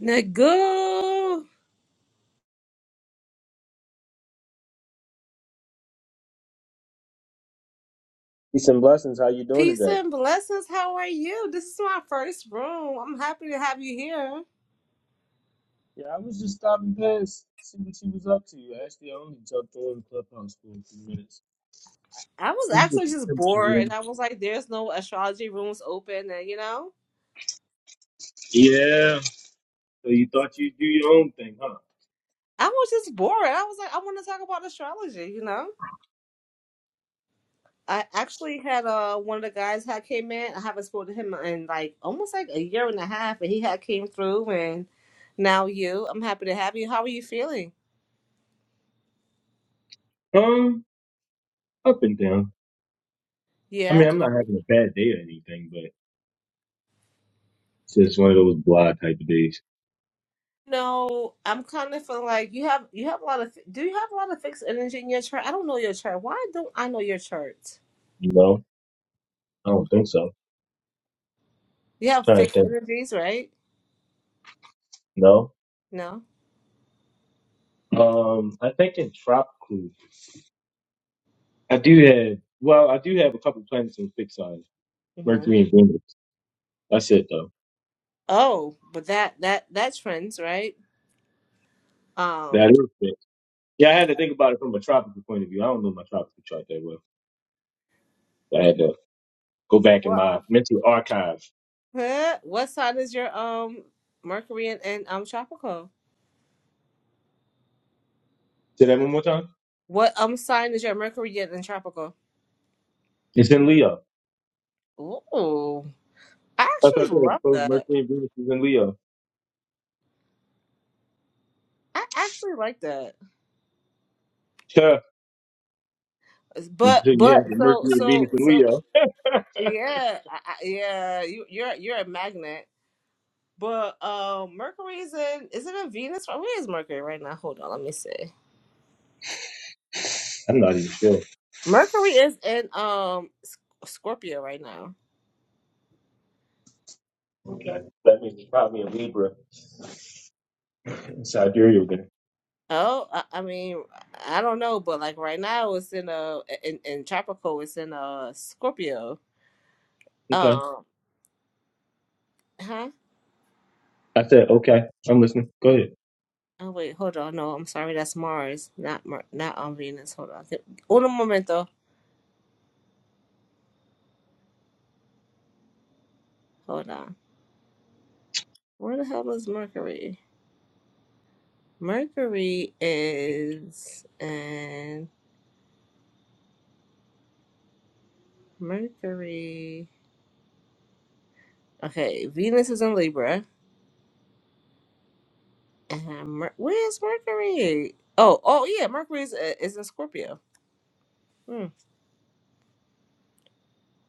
Nagu, Peace and blessings. How you doing peace today? and blessings. How are you? This is my first room. I'm happy to have you here. Yeah, I was just stopping past, see what she was up to. Actually, I only jumped on Clubhouse for a few minutes. I was You get actually the just temperature bored, and room. I was like, "There's no astrology rooms open," and you know, Yeah, so you thought you'd do your own thing, huh? I was just bored. I was like, "I want to talk about astrology," you know. I actually had uh one of the guys had came in. I haven't spoken to him in like almost like a year and a half, and he had came through, and now you. I'm happy to have you. How are you feeling? Um, up and down. I Yeah. mean, I'm not having a bad day or anything, but it's just one of those blah type of days. No, I'm kind of feeling like you have you have a lot of do you have a lot of fixed energy in your chart? I don't know your chart. Why don't I know your chart? You know? I don't think so. You have trying to fixed think. energies, right? No. No. Um, I think in tropical, I do have, well, I do have a couple planets in fixed signs, hmm Mercury and Venus. That's it, though. Oh, but that that that trends, right? That Um, is fixed. Yeah, I had yeah. to think about it from a tropical point of view. I don't know my tropical chart that well. I had to go back in What my mental archives. huh? what sign is your um Mercury in and um tropical? Say that one more time. What um sign is your Mercury in and tropical? It's in Leo. Ooh, I That's what actually I thought that love both that. Mercury and Venus is in Leo. I actually like that. Huh. Until But you but have the so Mercury and Venus so in so Leo. Yeah, I, I- yeah, you, you're you're a magnet. But uh, Mercury is in is it in Venus? Where is Mercury right now? Hold on, let me see. I'm not even sure. Mercury is in um S- Scorpio right now. Okay. That means it's probably a Libra in Sidereal there. Oh, I, I mean, I don't know, but like right now it's in uh in, in tropical, it's in uh Scorpio. Okay. Um, huh? I said, okay. I'm listening. Go ahead. Oh wait, hold on. No, I'm sorry, that's Mars, not Mer- not on Venus. Hold on, un momento. Hold on. Where the hell is Mercury? Mercury is and Mercury. Okay, Venus is in Libra, and Mer- where's Mercury? Oh, oh yeah, Mercury is, uh, is in Scorpio. Hmm.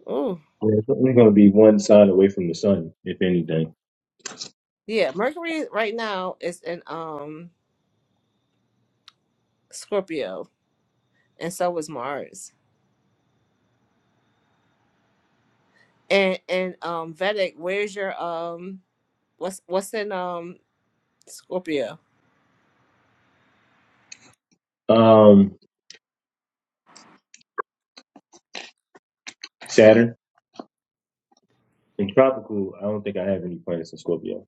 Oh, Yeah, it's only going to be one sign away from the sun, if anything. yeah, Mercury right now is in um Scorpio, and so is Mars. And and um Vedic, where's your um what's what's in um Scorpio? Um, Saturn. In tropical, I don't think I have any planets in Scorpio.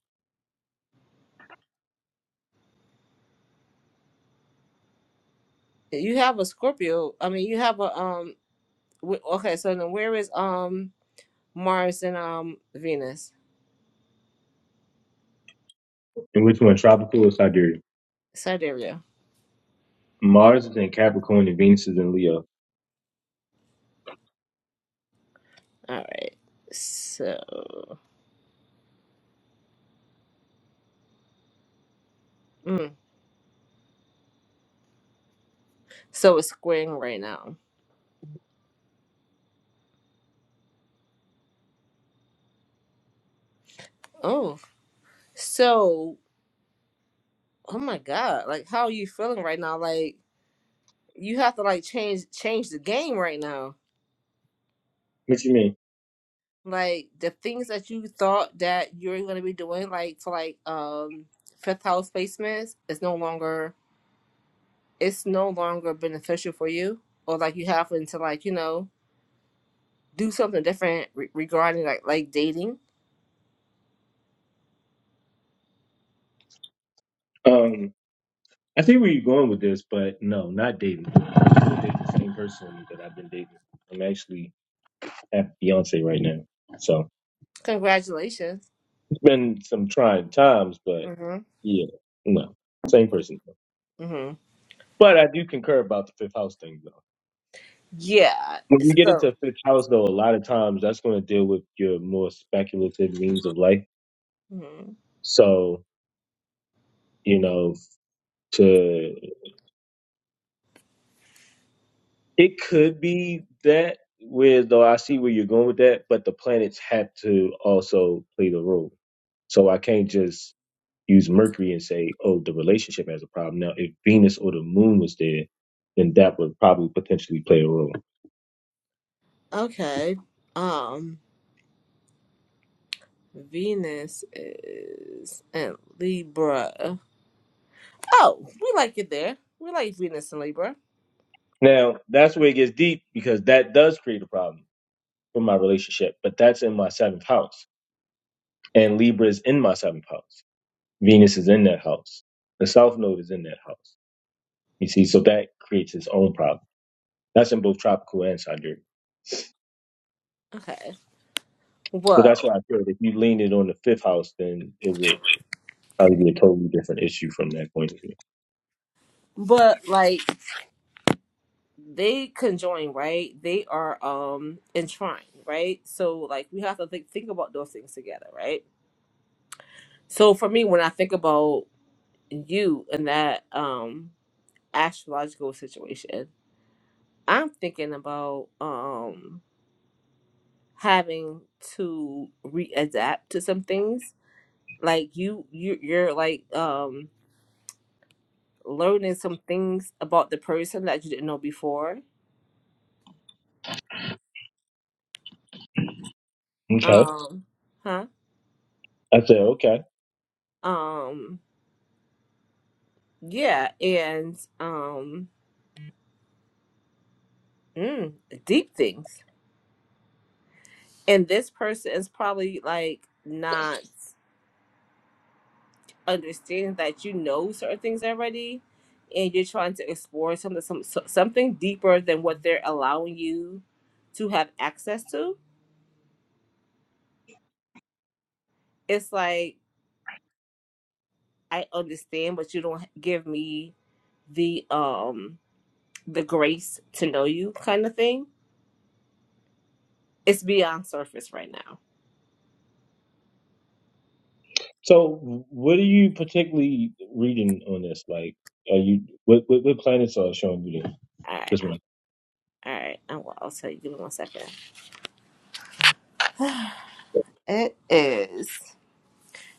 You have a Scorpio. I mean, you have a um. wh- Okay, so then where is um? Mars and um Venus. And which one, tropical or sidereal? Sidereal. Mars is in Capricorn and Venus is in Leo. All right. So mm, so it's squaring right now. Oh, so oh my God! Like, how are you feeling right now? Like, you have to like change change the game right now. What you mean? Like the things that you thought that you're gonna be doing, like for like um fifth house placements, is no longer it's no longer beneficial for you, or like you happen to like you know do something different re- regarding like like dating Um, I see where you're going with this, but no, not dating. I'm still dating the same person that I've been dating. I'm actually have a fiance right now, so Congratulations. it's been some trying times, but Mhm. yeah, no, same person. Mhm. But I do concur about the fifth house thing, though. Yeah. When you get into So a fifth house, though, a lot of times that's going to deal with your more speculative means of life. Mhm. So, you know, to it could be that where though I see where you're going with that, but the planets have to also play the role. So I can't just use Mercury and say, oh, the relationship has a problem. Now, if Venus or the moon was there, then that would probably potentially play a role. Okay. Um Venus is in Libra. Oh, we like it there. We like Venus and Libra. Now, that's where it gets deep because that does create a problem for my relationship, but that's in my seventh house. And Libra is in my seventh house. Venus is in that house. The South Node is in that house. You see, so that creates its own problem. That's in both tropical and sidereal. Okay. So Whoa. that's why I feel like if you lean it on the fifth house, then it would probably be a totally different issue from that point of view. But like they conjoin, right? They are um entwined, right? So like we have to think think about those things together, right? So for me when I think about you in that um astrological situation, I'm thinking about um having to readapt to some things. Like you you you're like um learning some things about the person that you didn't know before. Okay. Um huh? I said, okay. Um yeah, and um mm, deep things. And this person is probably like not understanding that you know certain things already and you're trying to explore something some, so- something deeper than what they're allowing you to have access to it's like i understand but you don't give me the um the grace to know you kind of thing it's beyond surface right now So what are you particularly reading on this? Like, are you, what, what, what planets are showing you this, all right this one? all right i'll, I'll tell you give me one second it is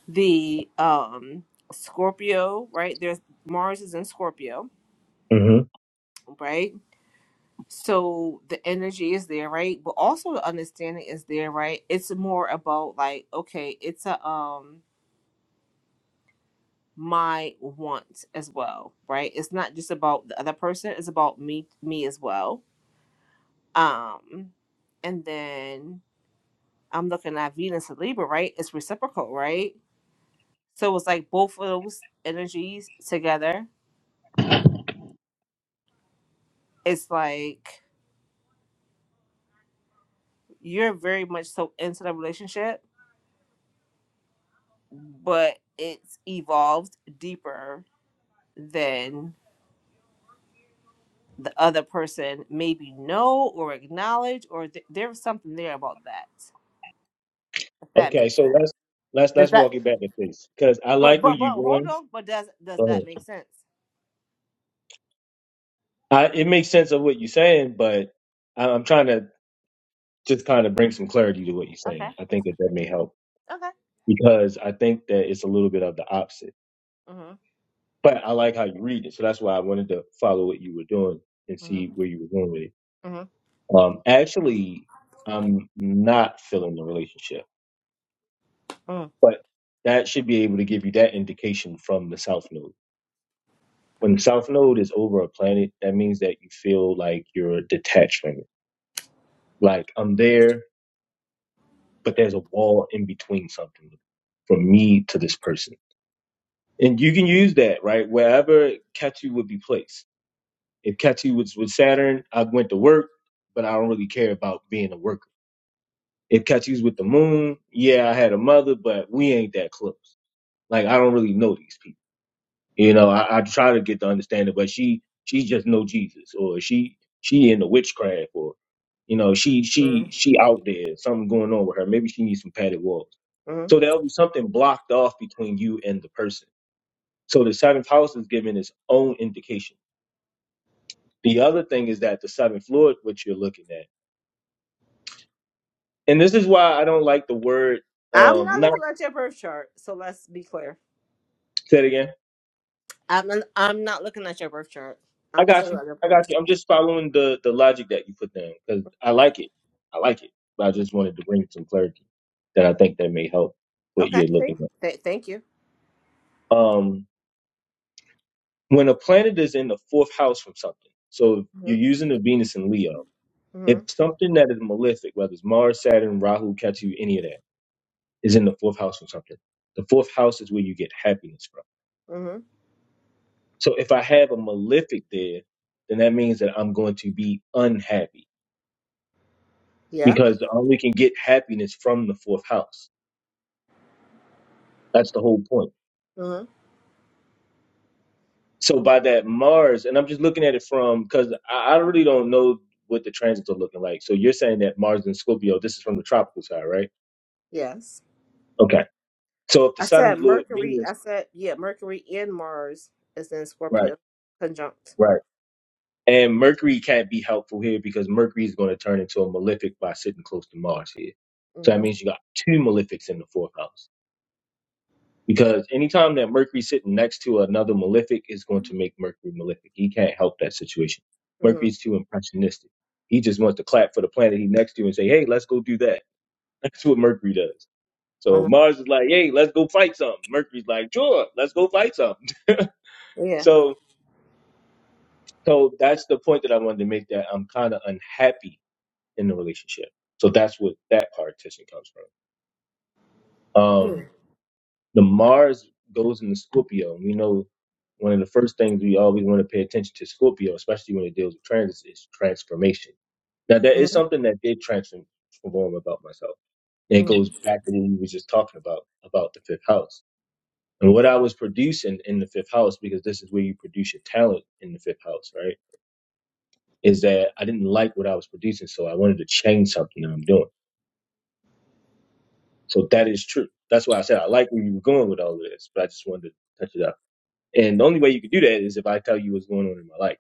the um scorpio right there's mars is in scorpio hmm right So the energy is there, right? But also the understanding is there, right? It's more about like, okay, it's a um my want as well, right? It's not just about the other person, it's about me me as well. Um and then I'm looking at Venus and Libra, right? It's reciprocal, right? So it's like both of those energies together. It's like you're very much so into the relationship, but it's evolved deeper than the other person maybe know or acknowledge or th- there's something there about that if that Okay. makes So sense let's, let's, does let's that walk it back a piece because I but like where but but you're hold going. on but does does Go ahead. that make sense I, it makes sense of what you're saying, but I- I'm trying to just kind of bring some clarity to what you're okay saying. I think that that may help. okay because I think that it's a little bit of the opposite. mm-hmm, But I like how you read it, so that's why I wanted to follow what you were doing and see mm-hmm, where you were going with it. Um, actually, I'm not feeling the relationship, mm-hmm, but that should be able to give you that indication from the South Node. When the South Node is over a planet, that means that you feel like you're detached from it. Like I'm there, but there's a wall in between something from me to this person. And you can use that, right? Wherever Ketu would be placed If Catchy was with Saturn, I went to work, but I don't really care about being a worker. If Catchy's with the moon, yeah, I had a mother, but we ain't that close. Like I don't really know these people. You know, I, I try to get to understand it, but she she just know Jesus, or she she into witchcraft, or you know, she mm-hmm, she she out there, something going on with her. Maybe she needs some padded walls. mm-hmm. So there'll be something blocked off between you and the person. So the seventh house is giving its own indication. The other thing is that the seventh Lord, which you're looking at. and this is why I don't like the word i'm not um not looking at your birth chart so let's be clear say it again. i'm not, i'm not looking at your birth chart I i'm just got looking you. at your I plans got you. I'm just following the the logic that you put down because I like it. I like it. But I okay just wanted to bring some clarity that I think that may help what Okay, you're looking thank th- thank you at. Um when a planet is in the fourth house from something, so if you're mm-hmm, using the Venus in Leo, if mm-hmm, something that is malefic, whether it's Mars, Saturn, Rahu, Ketu, any of that, is in the fourth house from something, the fourth house is where you get happiness from mm-hmm. So if I have a malefic there, then that means that I'm going to be unhappy yeah because the only can get happiness from the fourth house. That's the whole point. mm-hmm. So by that Mars, and I'm just looking at it from because I, I really don't know what the transits are looking like. So you're saying that Mars in Scorpio, this is from the tropical side, right? yes Okay. So if the I said seventh lord Mercury. Venus, I said yeah, Mercury and Mars is in right, Scorpio conjunct. right. And Mercury can't be helpful here because Mercury is going to turn into a malefic by sitting close to Mars here. So that Mhm. means you got two malefics in the fourth house. Because anytime that Mercury's sitting next to another malefic, is going to make Mercury malefic. He can't help that situation. Mhm. Mercury's too impressionistic. He just wants to clap for the planet he's next to and say, hey, let's go do that. That's what Mercury does. So Mars is like, hey, let's go fight something. Mercury's like, sure, let's go fight something. Mhm. Yeah. So, so that's the point that I wanted to make that I'm kind of unhappy in the relationship. So that's what that partition comes from. Um, Mhm. The Mars goes into Scorpio. We know one of the first things we always want to pay attention to Scorpio, especially when it deals with transits, is transformation. Now, that is Mhm. something that did transform about myself. And it goes Mhm. back to what we were just talking about, about the fifth house. And what I was producing in the fifth house, because this is where you produce your talent in the fifth house, right? Is that I didn't like what I was producing, so I wanted to change something that I'm doing. So that is true. That's why I said I like where you were going with all of this, but I just wanted to touch it up. And the only way you could do that is if I tell you what's going on in my life.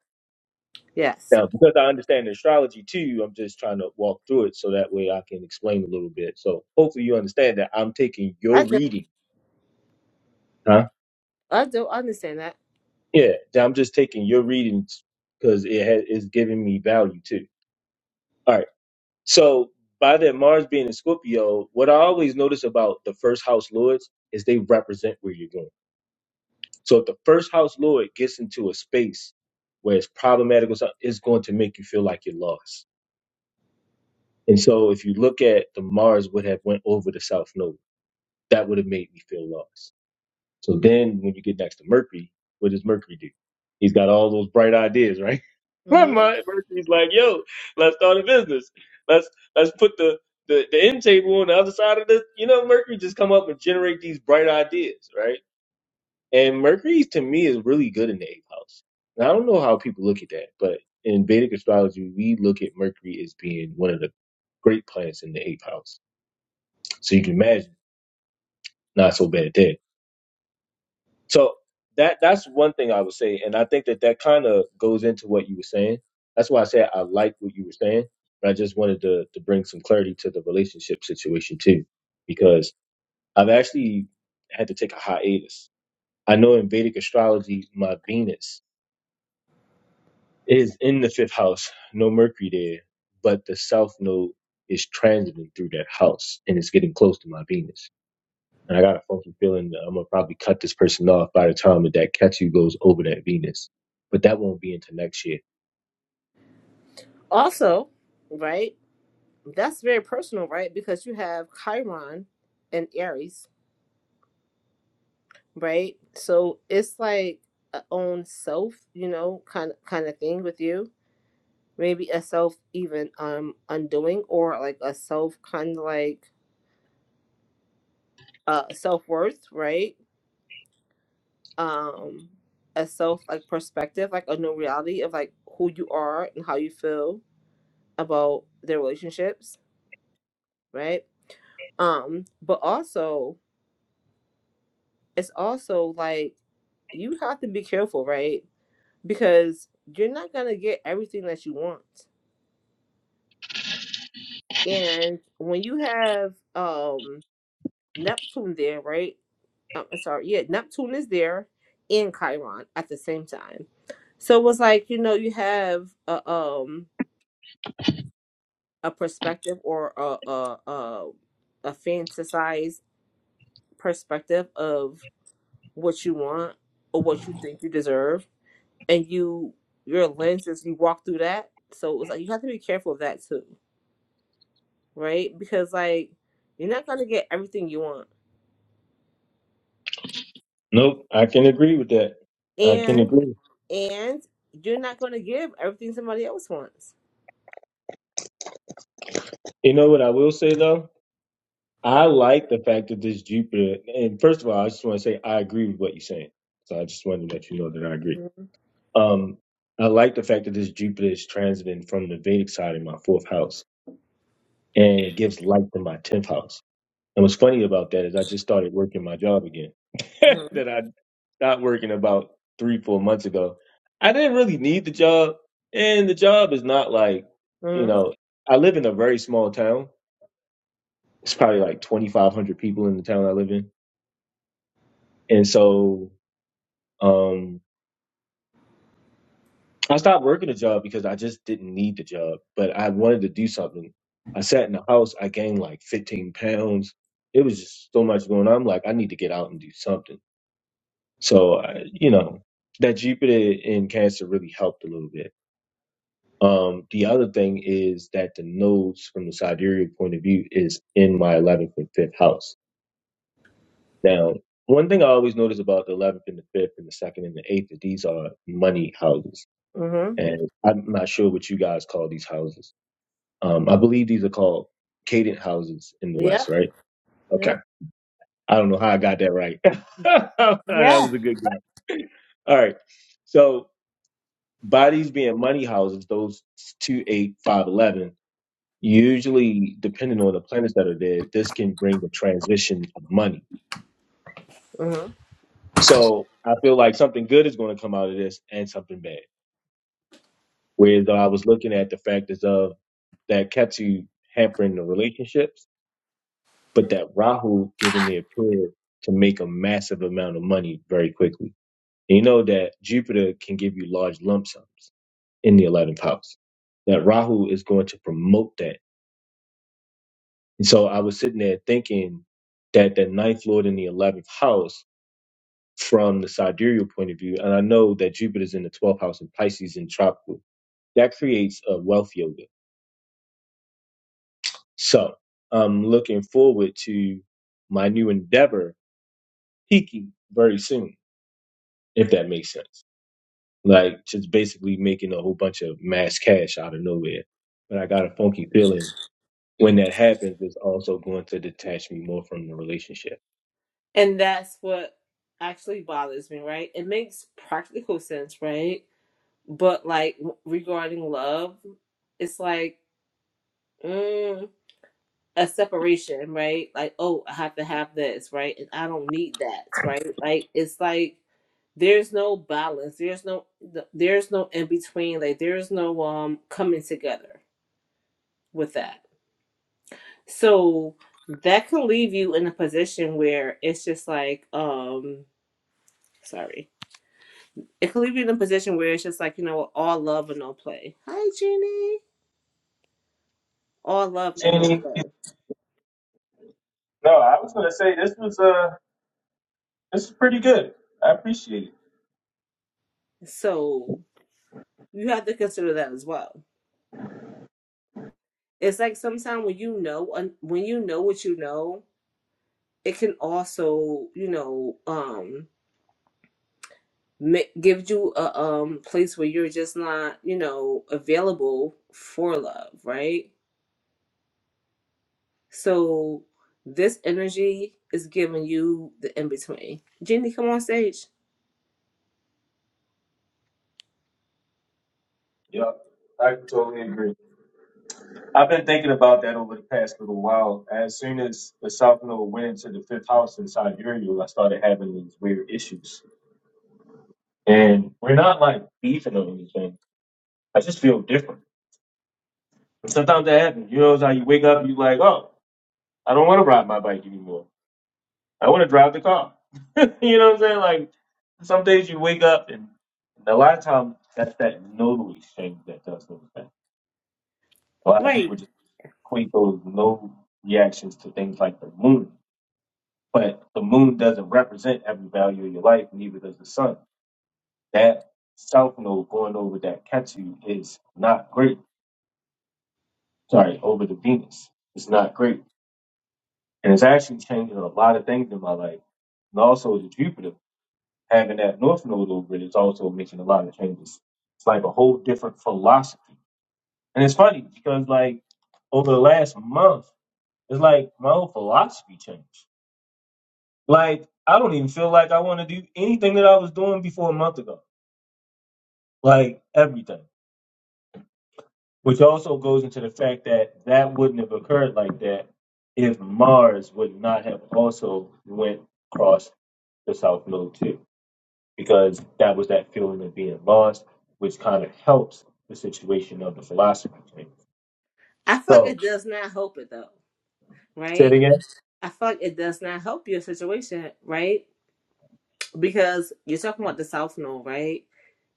Yes, Now, because I understand astrology too, I'm just trying to walk through it so that way I can explain a little bit. So hopefully you understand that I'm taking your I do. reading, huh? I do understand that. Yeah, that I'm just taking your readings because it has, it's giving me value too. All right. So by that Mars being in Scorpio, what I always notice about the first house lords is they represent where you're going. So if the first house lord gets into a space where it's problematic or something, it's going to make you feel like you're lost And so if you look at the Mars would have went over the South Node, that would have made me feel lost. So then when you get next to Mercury, what does Mercury do? He's got all those bright ideas, right? My Mhm. mind- Mercury's like, yo, let's start a business. Let's let's put the, the, the end table on the other side of this. You know, Mercury just come up and generate these bright ideas, right? And Mercury to me is really good in the eighth house. And I don't know how people look at that, but in Vedic astrology, we look at Mercury as being one of the great planets in the eighth house. So you can imagine not so bad there. So that that's one thing I would say, and I think that that kind of goes into what you were saying. That's why I said I like what you were saying, but I just wanted to to bring some clarity to the relationship situation too, because I've actually had to take a hiatus. I know in Vedic astrology, my Venus is in the fifth house, no Mercury there, but the south node is transiting through that house and it's getting close to my Venus. And I got a funky feeling that I'm gonna probably cut this person off by the time that that Ketu goes over that Venus. But that won't be until next year. Also, right? That's very personal, right? Because you have Chiron and Aries, right? So it's like a own self, you know, kind of kind of thing with you. Maybe a self even um undoing or like a self kind of like uh self worth, right? Um a self like perspective, like a new reality of like who you are and how you feel about their relationships, right? Um, but also it's also like you have to be careful, right? Because you're not gonna get everything that you want. And when you have um Neptune there, right? um, sorry, yeah, Neptune is there in Chiron at the same time. So it was like, you know, you have a um a perspective or a a a, a fantasized perspective of what you want or what you think you deserve and you your lenses you walk through that. So it was like you have to be careful of that too, right? Because like you're not gonna get everything you want. Nope, I can agree with that. I can And agree. and you're not gonna give everything somebody else wants. You know what I will say though? I like the fact that this Jupiter and first of all, I just want to say I agree with what you're saying. So I just wanted to let you know that I agree. Mhm. Um, I like the fact that this Jupiter is transiting from the Vedic side in my fourth house, and it gives light to my tenth house. And what's funny about that is I just started working my job again that I stopped working about three, four months ago. I didn't really need the job, and the job is not like you Mm-hmm. know. I live in a very small town. It's probably like twenty five hundred people in the town I live in, and so um I stopped working a job because I just didn't need the job, but I wanted to do something. I sat in the house. I gained like 15 pounds. It was just so much going on. I'm like, I need to get out and do something. So, I, you know, that Jupiter in Cancer really helped a little bit. Um, the other thing is that the nodes from the sidereal point of view is in my 11th and 5th house. Now, one thing I always notice about the 11th and the 5th and the 2nd and the 8th, that these are money houses. Mm-hmm. And I'm not sure what you guys call these houses Um, I believe these are called cadent houses in the West, Yep. right? Okay. Yep. I don't know how I got that right. that Yeah. was a good guess. All right. So bodies being money houses, those two, eight, five, eleven, usually depending on the planets that are there, this can bring the transition of money. Mm-hmm. So I feel like something good is going to come out of this and something bad. Whereas though I was looking at the factors of that kept you hampering the relationships but that Rahu given the appeal to make a massive amount of money very quickly. And you know that Jupiter can give you large lump sums in the 11th house. That Rahu is going to promote that. And so I was sitting there thinking that the ninth lord in the 11th house from the sidereal point of view, and I know that Jupiter's in the 12th house and Pisces in tropical, that creates a wealth yoga. So I'm looking forward to my new endeavor peaking very soon, if that makes sense. like just basically making a whole bunch of mass cash out of nowhere. But I got a funky feeling when that happens, it's also going to detach me more from the relationship. And that's what actually bothers me, right? It makes practical sense, right? But like w- regarding love, it's like mm, a separation, right? Like, oh, I have to have this, right? And I don't need that, right? Like, it's like there's no balance. There's no th- there's no in between. Like, there's no um coming together with that. So that could leave you in a position where it's just like, um, sorry. It could leave you in a position where it's just like, you know, all love and no play. Hi, Jeannie. All love and no Jenny, play. no, I was gonna say this was uh this is pretty good. I appreciate it. So you have to consider that as well. It's like sometimes when you know when you know what you know, it can also, you know, um ma- give you a um place where you're just not, you know, available for love, right? So this energy is giving you the in between. Jenny, come on stage. Yeah, I totally agree. I've been thinking about that over the past little while. As soon as the South Node went into the fifth house in Sidereal, I started having these weird issues. And we're not like beefing or anything. I just feel different. Sometimes that happens. You know, it's like you wake up, you like, oh, I don't want to ride my bike anymore. I want to drive the car. you know what I'm saying? Like some days you wake up, and, and a lot of times that's that nodal exchange that does those things. A lot of Right. people just equate those nodal reactions to things like the moon, but the moon doesn't represent every value of your life, neither does the sun. That south node going over that Ketu is not great. Sorry, over the Venus. It's not great And it's actually changing a lot of things in my life. And also the Jupiter, having that north node over it is also making a lot of changes. It's like a whole different philosophy. And it's funny because like over the last month, it's like my whole philosophy changed. Like I don't even feel like I want to do anything that I was doing before a month ago. Like everything. Which also goes into the fact that that wouldn't have occurred like that if Mars would not have also went across the South Node too. because that was that feeling of being lost, which kind of helps the situation of the philosophy thing. I feel like So, it does not help it though, say it right? again. I feel like it does not help your situation, right? Because you're talking about the South Node, right?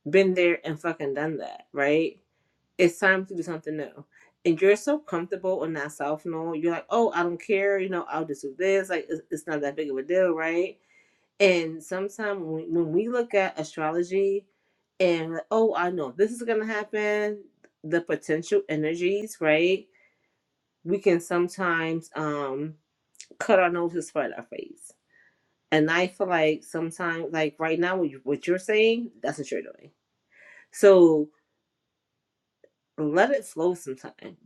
Been there and fucking done that, right? It's time to do something new. And you're so comfortable in that South Node, you're like, oh, I don't care, you know, I'll just do this. Like, it's, it's not that big of a deal, right? And sometimes when, when we look at astrology and, like, oh, I know this is going to happen, the potential energies, right? We can sometimes um, cut our nose to spite our face. And I feel like sometimes, like right now, what, you, what you're saying, that's what you're doing. So let it flow sometime.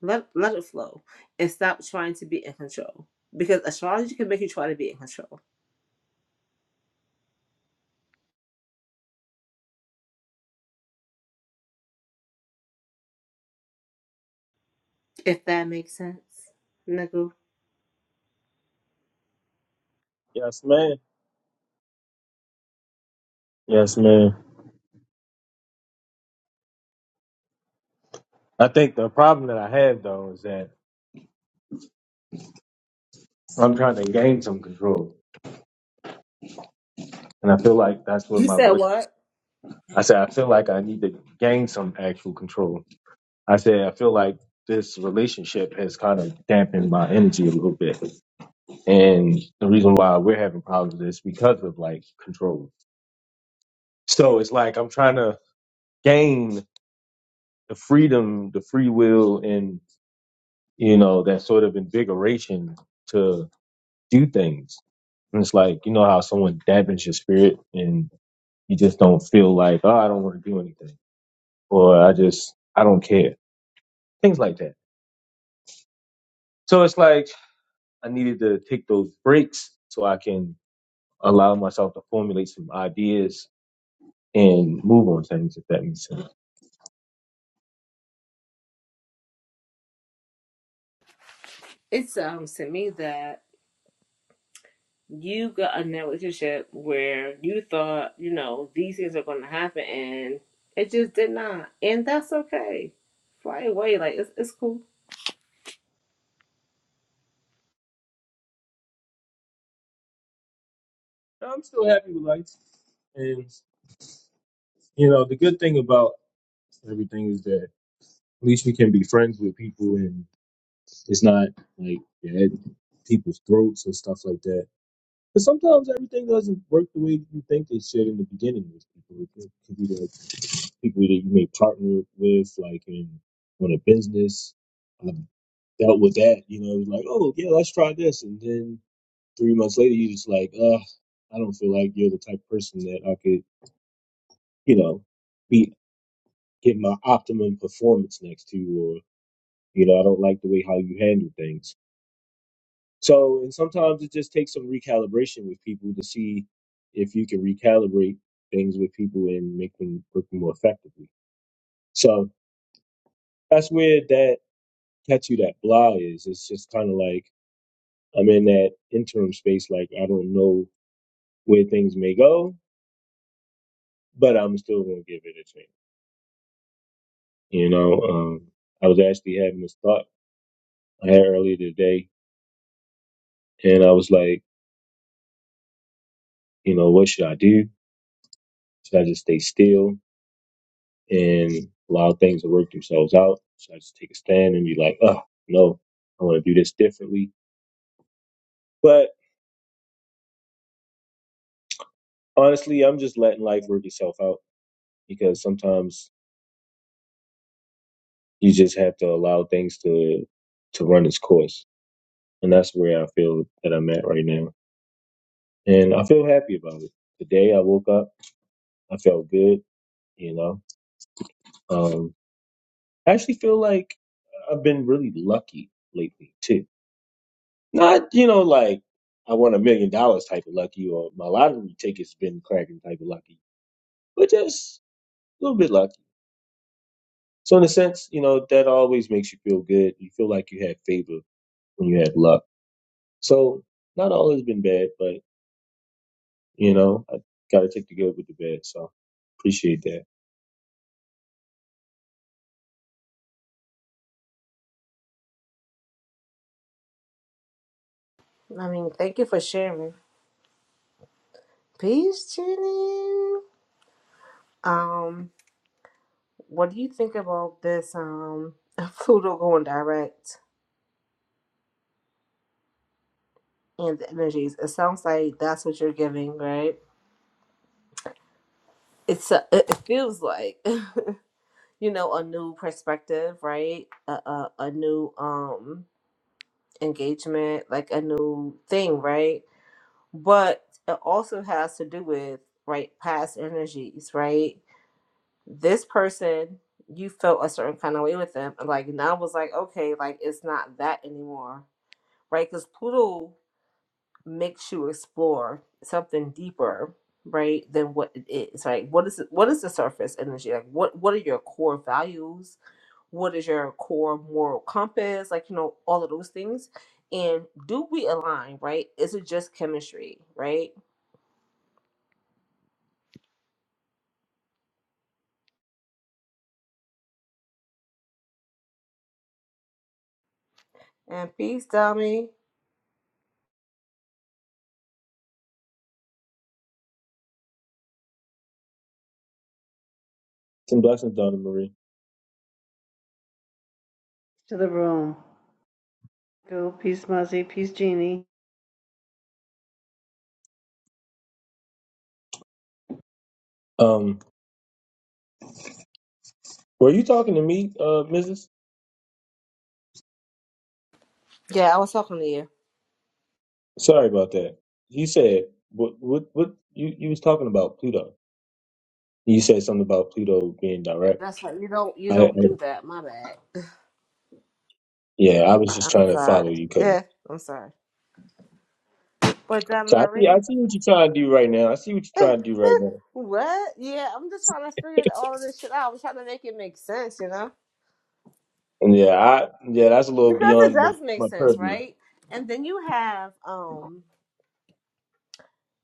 Let, let it flow and stop trying to be in control. Because astrology can make you try to be in control. If that makes sense, Nagu. Yes, man. Yes, man. I think the problem that I have though is that I'm trying to gain some control, and I feel like that's what You my said relationship. what? I said I feel like I need to gain some actual control. I said I feel like this relationship has kind of dampened my energy a little bit, and the reason why we're having problems is because of like control. So it's like I'm trying to gain the freedom, the free will, and you know that sort of invigoration to do things. And it's like you know how someone dampens your spirit, and you just don't feel like, oh, I don't want to do anything, or I just I don't care, things like that. So it's like I needed to take those breaks so I can allow myself to formulate some ideas and move on things, if that makes sense. It sounds to me that you got in that relationship where you thought, you know, these things are going to happen and it just did not. And that's okay. Fly away. Like, it's, it's cool. I'm still happy with life, and you know the good thing about everything is that. At least we can be friends with people, and it's not like yeah, at people's throats and stuff like that. But sometimes everything doesn't work the way you think it should in the beginning with people. It could could be the people that you may partner with, like in on a business. I dealt with that, you know, it was like, oh yeah, let's try this, and then three months later, you just like, uh, I don't feel like you're the type of person that I could, you know, be get my optimum performance next to, or you know, I don't like the way how you handle things So, and sometimes it just takes some recalibration with people to see if you can recalibrate things with people and make them work more effectively. So that's where that catch you that blah is. It's just kind of like I'm in that interim space. Like I don't know where things may go, but I'm still gonna give it a chance. You know, um, I was actually having this thought I had earlier today, and I was like, you know, what should I do? Should I just stay still? and allow things to work themselves out. So I just take a stand and be like, oh, no, I want to do this differently. But honestly, I'm just letting life work itself out because sometimes you just have to allow things to to run its course. And that's where I feel that I'm at right now. And I feel happy about it. Today I woke up, I felt good, you know. Um I actually feel like I've been really lucky lately too Not, you know, like I won a million dollars type of lucky or my lottery ticket's been cracking type of lucky, but just a little bit lucky. So in a sense, you know, that always makes you feel good. You feel like you had favor when you had luck. So not all has been bad, but you know, I gotta take the good with the bad. So appreciate that. I mean, thank you for sharing. Peace, Jenny. Um, what do you think about this? Um, Pluto going direct and the energies. It sounds like that's what you're giving, right? It's a, it feels like. you know a new perspective right a, a, a new um engagement like a new thing right but it also has to do with right past energies right this person you felt a certain kind of way with them and, like now was like okay like it's not that anymore right because pluto makes you explore something deeper right than what it is right what is it, what is the surface energy like what what are your core values what is your core moral compass like you know all of those things and do we align right is it just chemistry right and peace dummy Some blessings, Donna Marie. to the room. Go, peace, Muzzy, peace, Jeannie. Um, were you talking to me, uh, Mrs.? yeah i was talking to you Sorry about that. You said what what what you, you was talking about Pluto. You said something about Pluto being direct. That's how you don't you I, I don't do that. My bad. yeah, I was just i'm trying to sorry follow you, cause yeah i'm sorry but donna so I see, marie I see what you're trying to do right now. I see what you're trying to do right now. what yeah i'm just trying to figure all of this shit out i'm trying to make it make sense you know And yeah, I yeah, that's a little because it beyond the, does make my sense purview. right and then you have um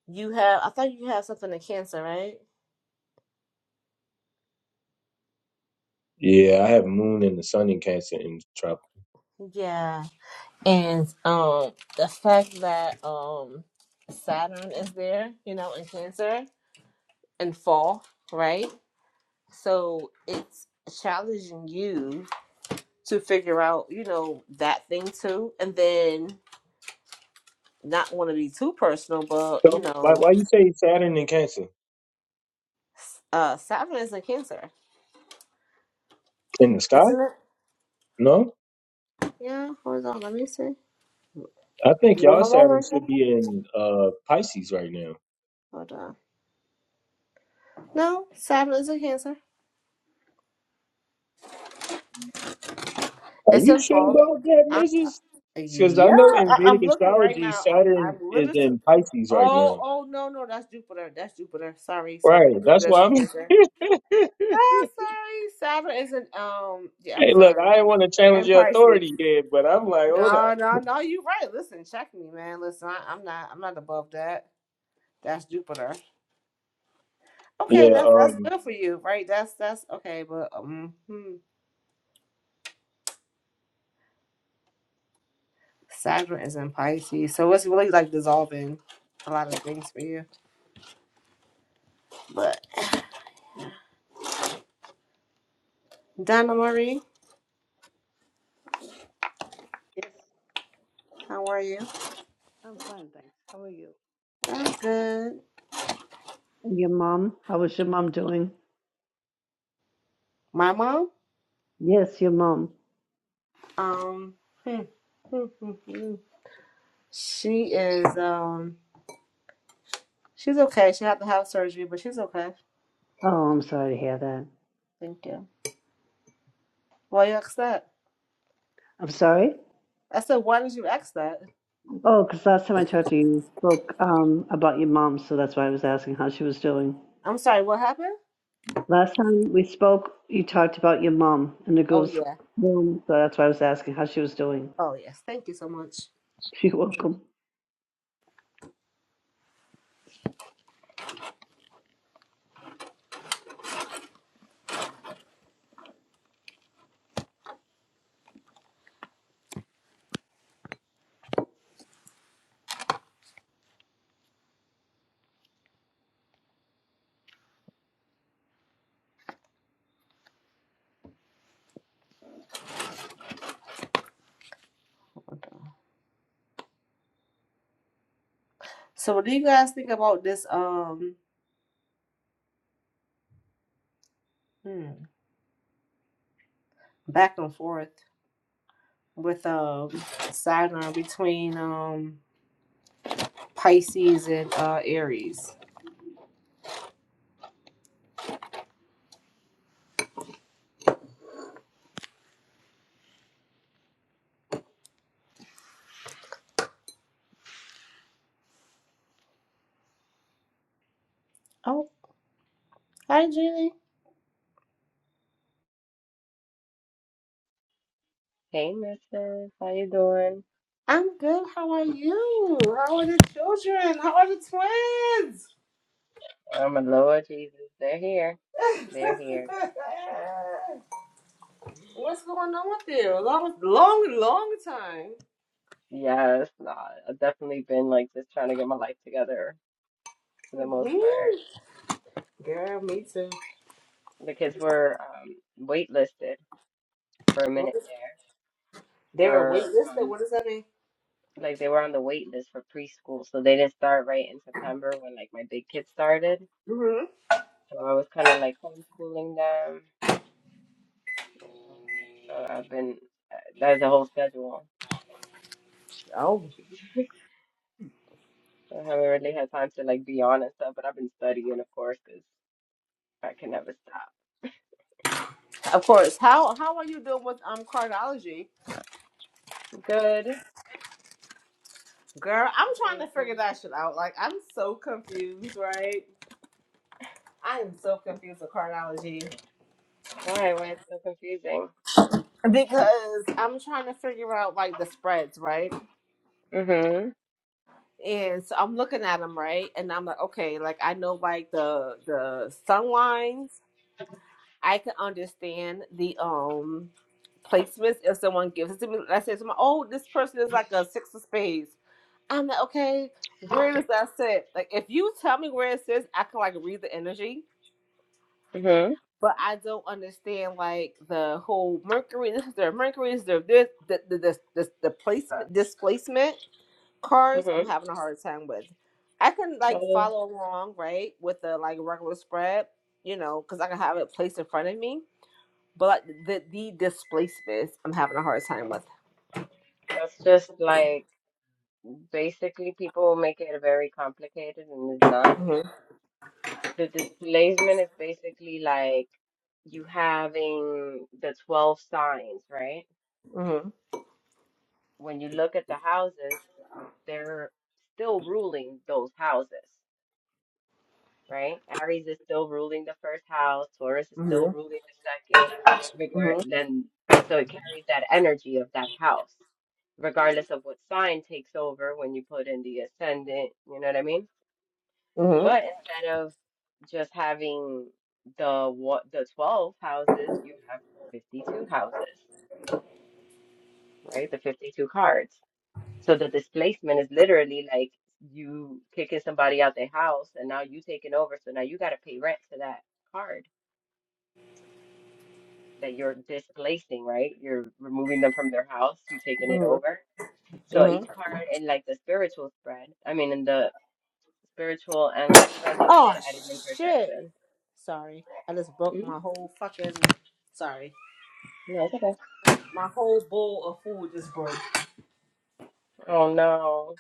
you have i thought you have something in cancer right Yeah, I have Moon and the Sun in Cancer in trouble. yeah And um the fact that um Saturn is there, you know, in Cancer and fall, right? So it's challenging you to figure out, you know, that thing too. And then not want to be too personal, but you So why know, why you say Saturn in Cancer uh Saturn is in Cancer, in the sky? isn't it? No, Yeah, hold on, let me see. I think Well, y'all no, no, Saturn no, should no. be in uh Pisces right now. Hold on. No, Saturn is in Cancer. Are It's you in sure fall. about that, I, Mrs. Because I yeah, know in I, Vedic I'm looking right astrology, now. I'm, Saturn I'm is literally in Pisces right Oh, now. oh no, no, that's Jupiter. That's Jupiter. Sorry, sorry. Right, that's Jupiter's a why Cancer. I'm. Ah, sorry. Saturn is an um. Yeah, I'm Hey, look, sorry. I didn't want to challenge And your Pisces. authority, Ed, but I'm like, hold No, up. no, no. You're right. Listen, check me, man. Listen, I, I'm not. I'm not above that. That's Jupiter. Okay, Yeah, that's that's um, good for you, right? That's that's okay, but um, hmm. Saturn is in Pisces, so it's really like dissolving a lot of things for you. But Donna Marie, Yes, how are you? I'm fine, thanks. How are you? I'm good. And your mom? How is your mom doing? My mom. Yes, your mom. Um, hmm, hmm, hmm, hmm. she is. Um, she's okay. She had to have surgery, but she's okay. Oh, I'm sorry to hear that. Thank you. Why you ask that? I'm sorry. I said, why did you ask that? Oh, because last time I talked to you, you spoke um, about your mom, so that's why I was asking how she was doing. I'm sorry. What happened? Last time we spoke, you talked about your mom in the Oh girls' yeah. room, so that's why I was asking how she was doing. Oh yes. Thank you so much. You're welcome. So, what do you guys think about this? Um, hmm, back and forth with um Saturn between um Pisces and uh Aries. Oh, hi, Genie. Hey, Mrs. How you doing? I'm good. How are you? How are the children? How are the twins? I'm a Lord Jesus. They're here. They're here. What's going on with you? A Long, long, long time. Yes, nah, I've definitely been like just trying to get my life together for the most part hmm Girl, me too. because we're um waitlisted for a What minute is there there a wait for list? um What does that mean? like they were on the wait list for preschool, so they didn't start right in September when like my big kids started. hmm So I was kind of like homeschooling them, you know. So I've been uh, that's the whole schedule. Oh, I haven't really had time to like be on and stuff, but I've been studying, of course, because I can never stop. of course. How how are you doing with um cardiology? Good. Girl, I'm trying Good, to good. figure that shit out. Like, I'm so confused, right? I am so confused with cardiology Why? Why it's so confusing? because I'm trying to figure out like the spreads, right? Mm-hmm. And so I'm looking at them, right? And I'm like, okay, like I know like the the sun lines. I can understand the um placements if someone gives it to me. I say to my, oh, this person is like a six of spades. I'm like, okay, where does that sit? Like if you tell me where it sits, I can like read the energy. Mm-hmm. But I don't understand like the whole Mercury, this is their Mercury, this is their this the the the, the, the placement displacement cars i'm Mm-hmm. having a hard time with i can like Oh, follow along right with the like regular spread you know because i can have it placed in front of me but like the the displacements i'm having a hard time with that's just like basically people make it very complicated and it's not. Mhm, The displacement is basically like you having the 12 signs, right? mhm, When you look at the houses, they're still ruling those houses. right? Aries is still ruling the first house, Taurus is still mhm, ruling the second. Regard mhm, then so it carries that energy of that house, regardless of what sign takes over when you put in the ascendant, you know what I mean? mhm, mhm, But instead of just having the what the 12 houses, you have 52 houses, right? The 52 cards. So the displacement is literally like you kicking somebody out their house and now you taking over. So now you got to pay rent to that card that you're displacing, right? You're removing them from their house, you taking it over. So each mhm. card in like the spiritual spread, I mean in the spiritual and life spread, they oh sit at an shit intersection. sorry i just broke my Mhm. whole fucking sorry No, it's okay. my whole bowl of food just broke Oh no.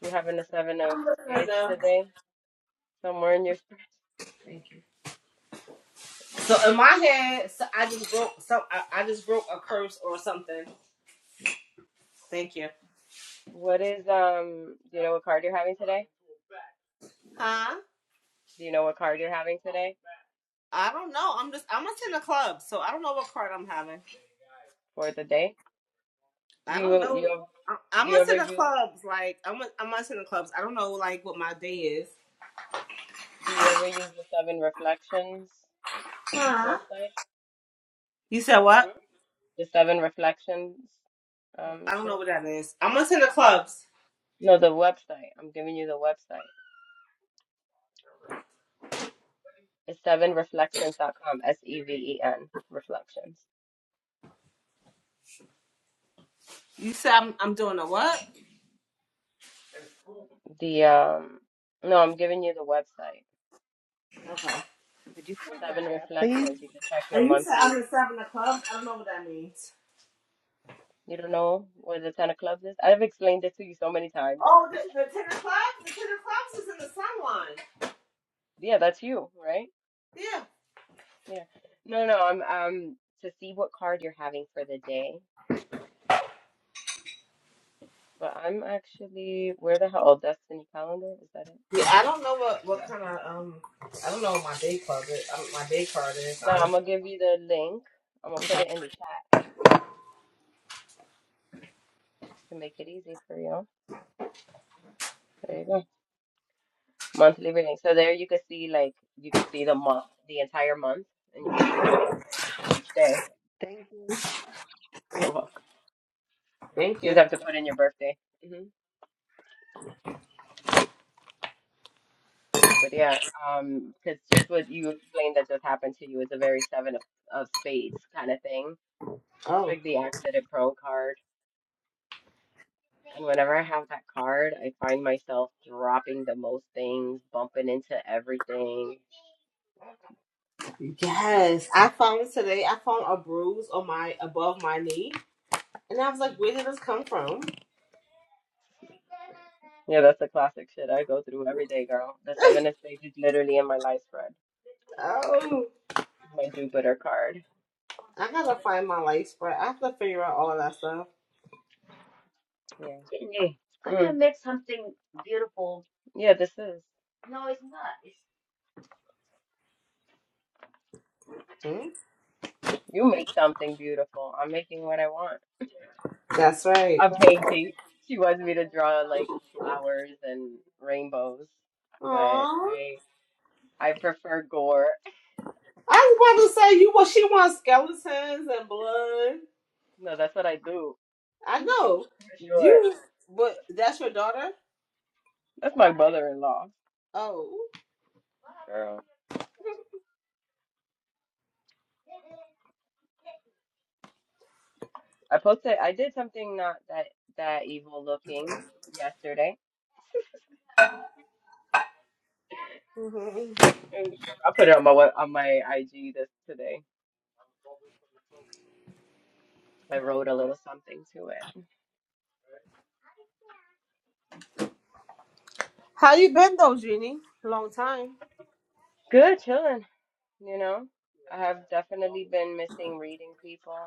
You're having a seven of i'm looking right spades now today? Somewhere in your spread. thank you so in my head so i just broke some i, I just broke a curse or something thank you What is um do you know what card you're having today? Huh? Do you know what card you're having today I don't know. I'm just I'm attend the club, so I don't know what card I'm having. for the day? Do I don't you know. you I- ev- I'm do you ever attend the use clubs. Like I'm I'm attend the clubs. I don't know like what my day is. do you ever use the seven reflections Huh? website? You said what? The Seven Reflections um I don't know shit. what that is. I'm attend the clubs. No, the website. I'm giving you the website. It's sevenreflections.com, S E V E N reflections. You said I'm I'm doing a what? The um no, I'm giving you the website. Okay. Could you put in the Seven chat, please? Reflections. You can check your And you said I'm monthly. in seven the clubs. I don't know what that means. You don't know where the Ten of Clubs is? I've explained it to you so many times. Oh, the, the ten of clubs. The ten of clubs is in the sunline. Yeah, that's you, right? Yeah. Yeah. No, no, I'm um to see what card you're having for the day. But I'm actually where the hell? Oh, Destiny Calendar, is that it? Yeah, I don't know what what Yeah. kind of um. I don't know what my day club is. I don't, my day card is. No, Honestly. I'm gonna give you the link. I'm gonna put it in the chat to make it easy for you. There you go. Monthly reading. So there you can see like you can see the month, the entire month, and you can see what card you're having each day. Thank you. You're welcome. Thank You you. just have to put in your birthday. hmm But yeah, um, because just what you explained that just happened to you is a very seven of, of spades kind of thing. Oh. It's like the accident pro card. And whenever I have that card, I find myself dropping the most things, bumping into everything. Yes, I found today. I found a bruise on my above my knee, and I was like, "Where did this come from?" Yeah, that's the classic shit I go through every day, girl. The seven of spades is literally in my life spread. Oh, My Jupiter card. I gotta find my light spread. I have to figure out all of that stuff. Yeah. Sydney, I'm gonna Mm. make something beautiful. Yeah, this is. No, it's not. It's... Hmm? You make something beautiful. I'm making what I want. That's right. I'm painting. She wants me to draw like flowers and rainbows, but Aww, I I prefer gore. I was about to say you. Well, she wants skeletons and blood. No, that's what I do. I know Sure. you, but that's your daughter. That's my mother-in-law. Oh, I posted, I did something not that that evil looking yesterday. hmm And I put it on my web- on my IG this today. I wrote a little something to it. how you been though, Jeannie? Long time. Good, chilling. You know, I have definitely been missing reading people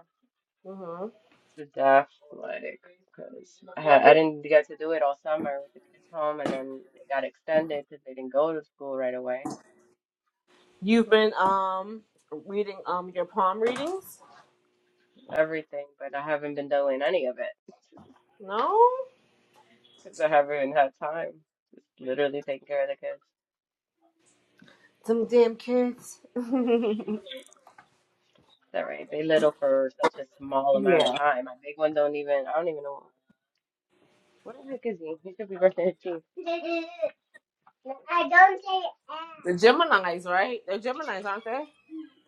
hmm to death, like because I ha- I didn't get to do it all summer with the kids home, and then it got extended because they didn't go to school right away. You've been um reading um your palm readings. Everything, but I haven't been doing any of it No. because I haven't had time. Just literally taking care of the kids. Some damn kids. yeah. That right. They little for such a small amount of time. My big one don't even. I don't even know. What the heck is he? He should be brushing his teeth. I don't say The ass. Geminis, right? They're Geminis, aren't they?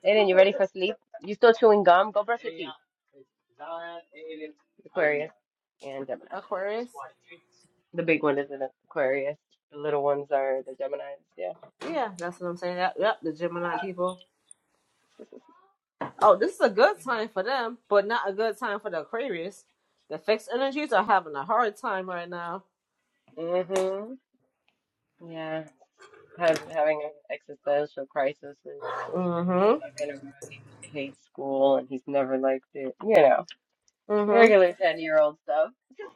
Aiden, you ready for sleep? You still chewing gum? Go brush your teeth. Aquarius and Gemini. Aquarius. The big one is an Aquarius. The little ones are the Geminis. Yeah. Yeah, that's what I'm saying. Yep, yep, the Gemini people. Oh, this is a good time for them, but not a good time for the Aquarius. The fixed energies are having a hard time right now. Mhm. Yeah. Have, having an existential crisis is Mm-hmm. not gonna go. He hates school and he's never liked it. You know. Mm-hmm. Regular 10 year old stuff. This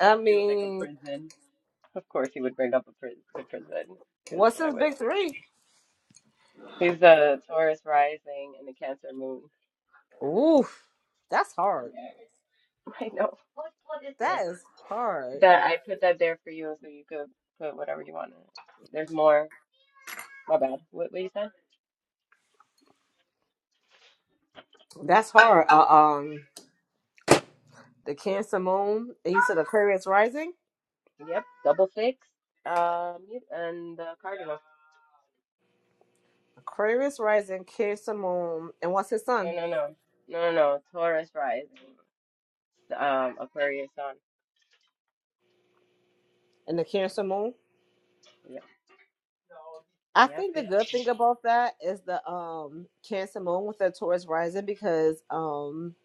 I Feels like a mean, prison. Of course, he would bring up a pri- the prison because what's why his wouldn't big three? he? He's the Taurus rising and the Cancer moon. Oof, that's Mm, hard. yeah, I know. That is hard. That I put that there for you so you could put whatever you want in it. There's more. My bad. What, what you said? That's hard. Uh, um, the Cancer Moon, you said Aquarius rising. Yep, double six. Um, yep, and the cardinal. Aquarius rising, Cancer moon, and what's his No, son? no, no, no, no, no. Taurus rising. Um, Aquarius sun. And the Cancer moon. Yep, I yep, think the good thing about that is the um Cancer moon with the Taurus rising because um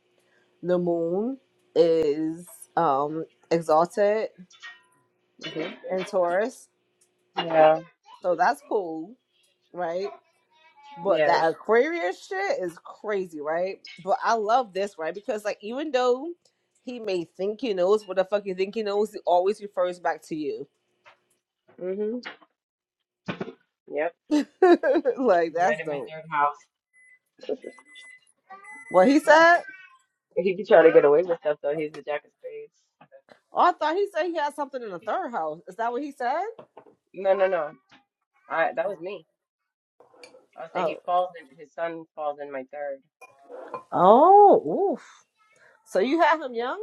the moon is um exalted yep. in Taurus, hmm Yeah, so that's cool, right? But yeah. that Aquarius shit is crazy, right? But I love this, right? Because like even though he may think he knows what the fuck you think he knows, he always refers back to you. hmm Yep. like You're at that's him in dope. third house. What he said? He could try to get away with stuff though. He's the jack of spades. Oh, I thought he said he had something in the third house. Is that what he said? No, no, no. I that was Oh. me. I was saying Oh. he falls in his son falls in my third. Oh, Oof. So you had him young?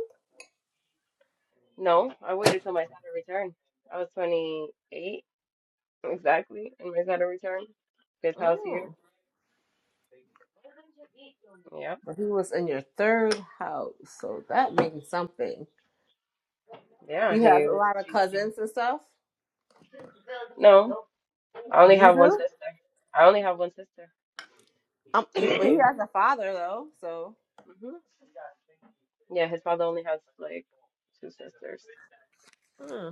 No, I waited till my Saturn return. I was 28 exactly in my Saturn return. His house here. Oh. Yep. But he was in your third house. So that means something. Yeah, He has he a was. lot of cousins and stuff. No, I only You have one do? sister. I only have one sister. Um, hmm he, but he has a father though, so. Yeah, his father only has like two sisters. Hmm.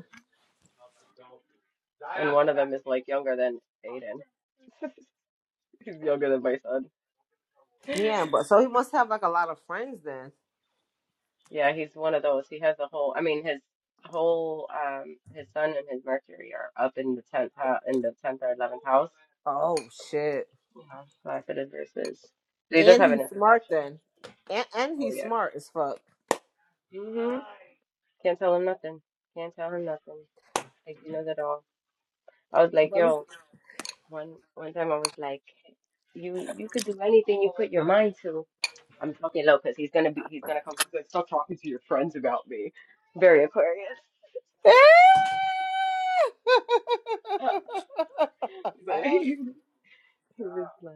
and one of them is like younger than Aiden. he's younger than my son. Yeah, but so he must have like a lot of friends then. Yeah, he's one of those. He has a whole. I mean, his whole um his sun and his Mercury are up in the tenth house, in the tenth or eleventh house. Oh shit. You know, last of his verses. They does And have an he's smart interception. then. And and Oh he's yeah. smart as fuck. hmm Can't tell him nothing. Can't tell him nothing. Like he knows it all. I was like, But we, yo, one one time I was like, you you could do anything you put your mind to. I'm talking low because he's gonna be he's gonna come up and like, stop talking to your friends about me. Very Aquarius. But he, was like,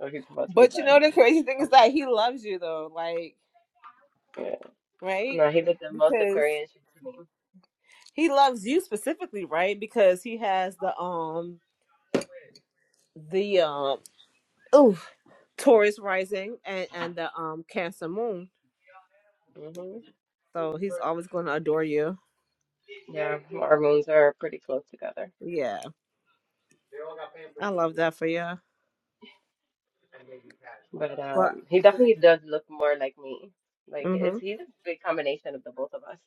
oh, he's about to be but you done. know the crazy thing is that he loves you though, like Yeah. right? No, he's like the most Because Aquarian shit to he loves you specifically, right? Because he has the um the um oh Taurus rising and and the um Cancer moon, me. hmm so he's always going to adore you. Yeah, our moons are pretty close together. Yeah, I love that for you. But But um, he definitely does look more like me. Like it's mhm he's a big combination of the both of us.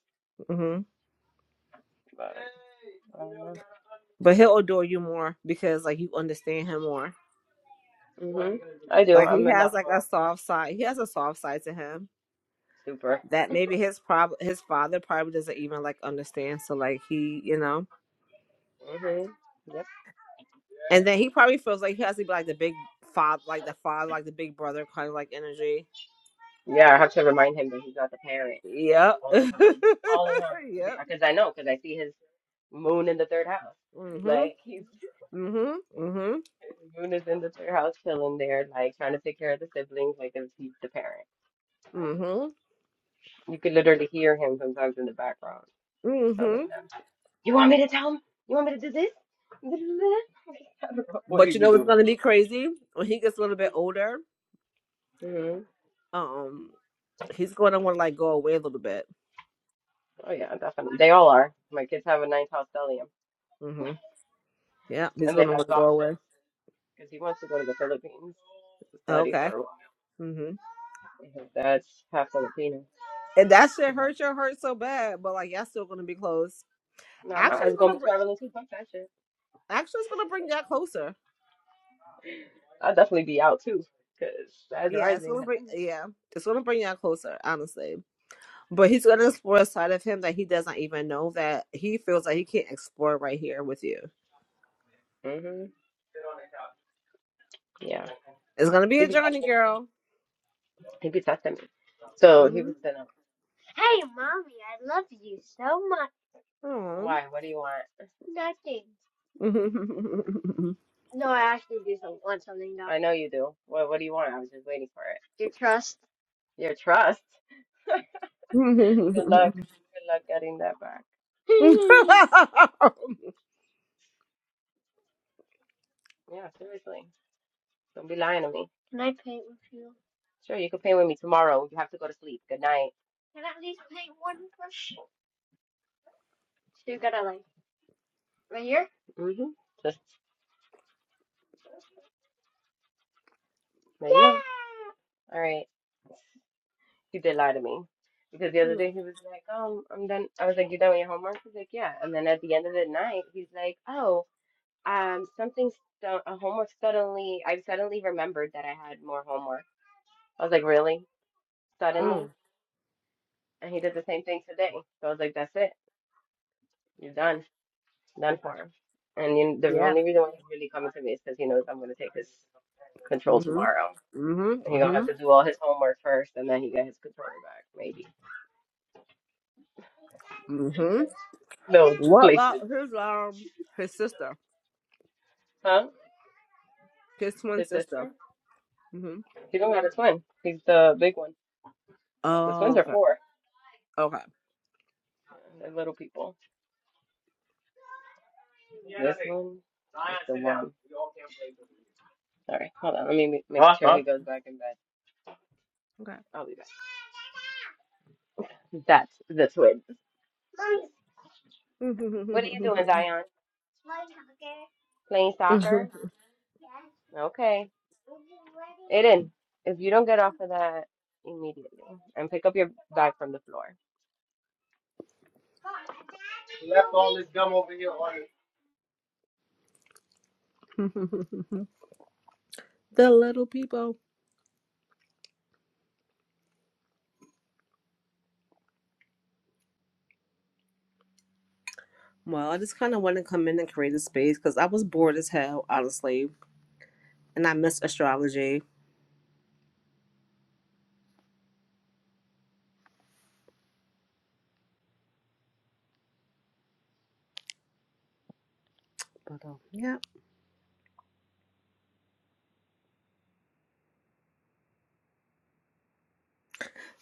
mhm. But I But he'll adore you more because like you understand him more. hmm I do. Like he I'm a has lot like a more soft side. He has a soft side to him super. that maybe his prob his father probably doesn't even like understand. So like he, you know, hmm Yep. and then he probably feels like he has to be like the big father, like the father, like the big brother kind of like energy. Yeah, I have to remind him that he's not the parent Yep. all the time. All the time. yep. Because I know, because I see his moon in the third house. Mhm. Like, he's, Mhm. Mhm. moon is in the third house, chilling there, like, trying to take care of the siblings, like, if he's the parent. Mhm. You could literally hear him sometimes in the background telling Mhm. them, You want me to tell him? You want me to do this? Do that?" I don't know what But he's you know what's doing. gonna be crazy when he gets a little bit older. hmm Um, he's gonna want to like go away a little bit. Oh, yeah, definitely. They all are. My kids have a ninth house stellium, Mhm. Yeah, he's and they gonna want have to go away. options because he wants to go to the Philippines to study Okay. for a while. Mm-hmm. Yeah, That's half Filipino. And that shit hurt your heart so bad, but like y'all still gonna be close. Nah, my Actually, eyes it's gonna gonna be bring. traveling too. Fuck that shit. Actually, it's gonna bring y'all closer. I'll definitely be out too, cause that's Yeah, it's rising. gonna bring. Yeah, it's gonna bring y'all closer, honestly. But he's gonna explore a side of him that he doesn't even know that he feels like he can't explore right here with you. Hello. Mhm. Yeah. It's gonna be He a be journey, texting me. girl. He be texting me. So he Mm-hmm. was sending. Hey, mommy, I love you so much. Why? What do you want? Nothing. No, I actually do some, want something though. I know you do. What What do you want? I was just waiting for it. Your trust. Your trust. Good luck. mm Good luck getting that back. yeah, seriously. Don't be lying to me. Can I paint with you? Sure, you can paint with me tomorrow. You have to go to sleep. Good night. Can I at least paint one brush? So you gotta like right here? Mm-hmm. Just right you go. Yeah. here. All right. He did lie to me. Because the other day he was like, um, I'm done. I was like, you done with your homework? He's like, yeah. And then at the end of the night, he's like, oh, um, something, stu- a homework suddenly, I suddenly remembered that I had more homework. I was like, really? Suddenly? And he did the same thing today. So I was like, that's it. You're done. None harm. And you, the yeah. only reason why he's really coming to me is because he knows I'm going to take his control Mm-hmm. tomorrow. Mm-hmm. And he's going to Mm-hmm. have to do all his homework first and then he get his controller back, maybe. Mm-hmm. No What about placements. his um his sister, Huh? his twin His sister? sister? hmm He don't got a twin. He's the big one. The twins Oh, are okay, four. okay, They're little people. This one is the one. All right, hold on. Let me ma- make sure he goes back in bed. okay. I'll be back. That's the twins. What are you doing, Dion? Playing soccer? the Okay. Aiden, if you don't get off of that immediately and pick up your bag from the floor. little people. Well, I just kind of want to come in and create a space because I was bored as hell, honestly, and I miss astrology. But um, yeah,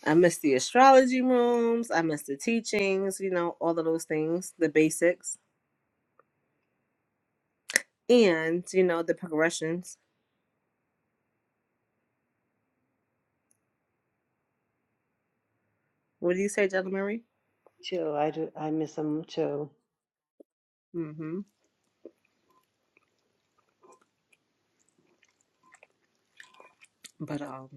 I miss the astrology rooms. I miss the teachings. You know, all of those things, the basics, and you know the progressions. What do you say, Jella Marie? Too. I do. I miss them too. Mm-hmm. But um,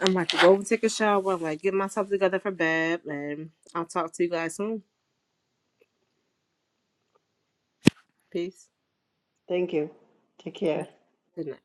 I'm about to go and take a shower. I'm like, get myself together for bed, and I'll talk to you guys soon. Peace. Thank you. Take care. Yep. Good night.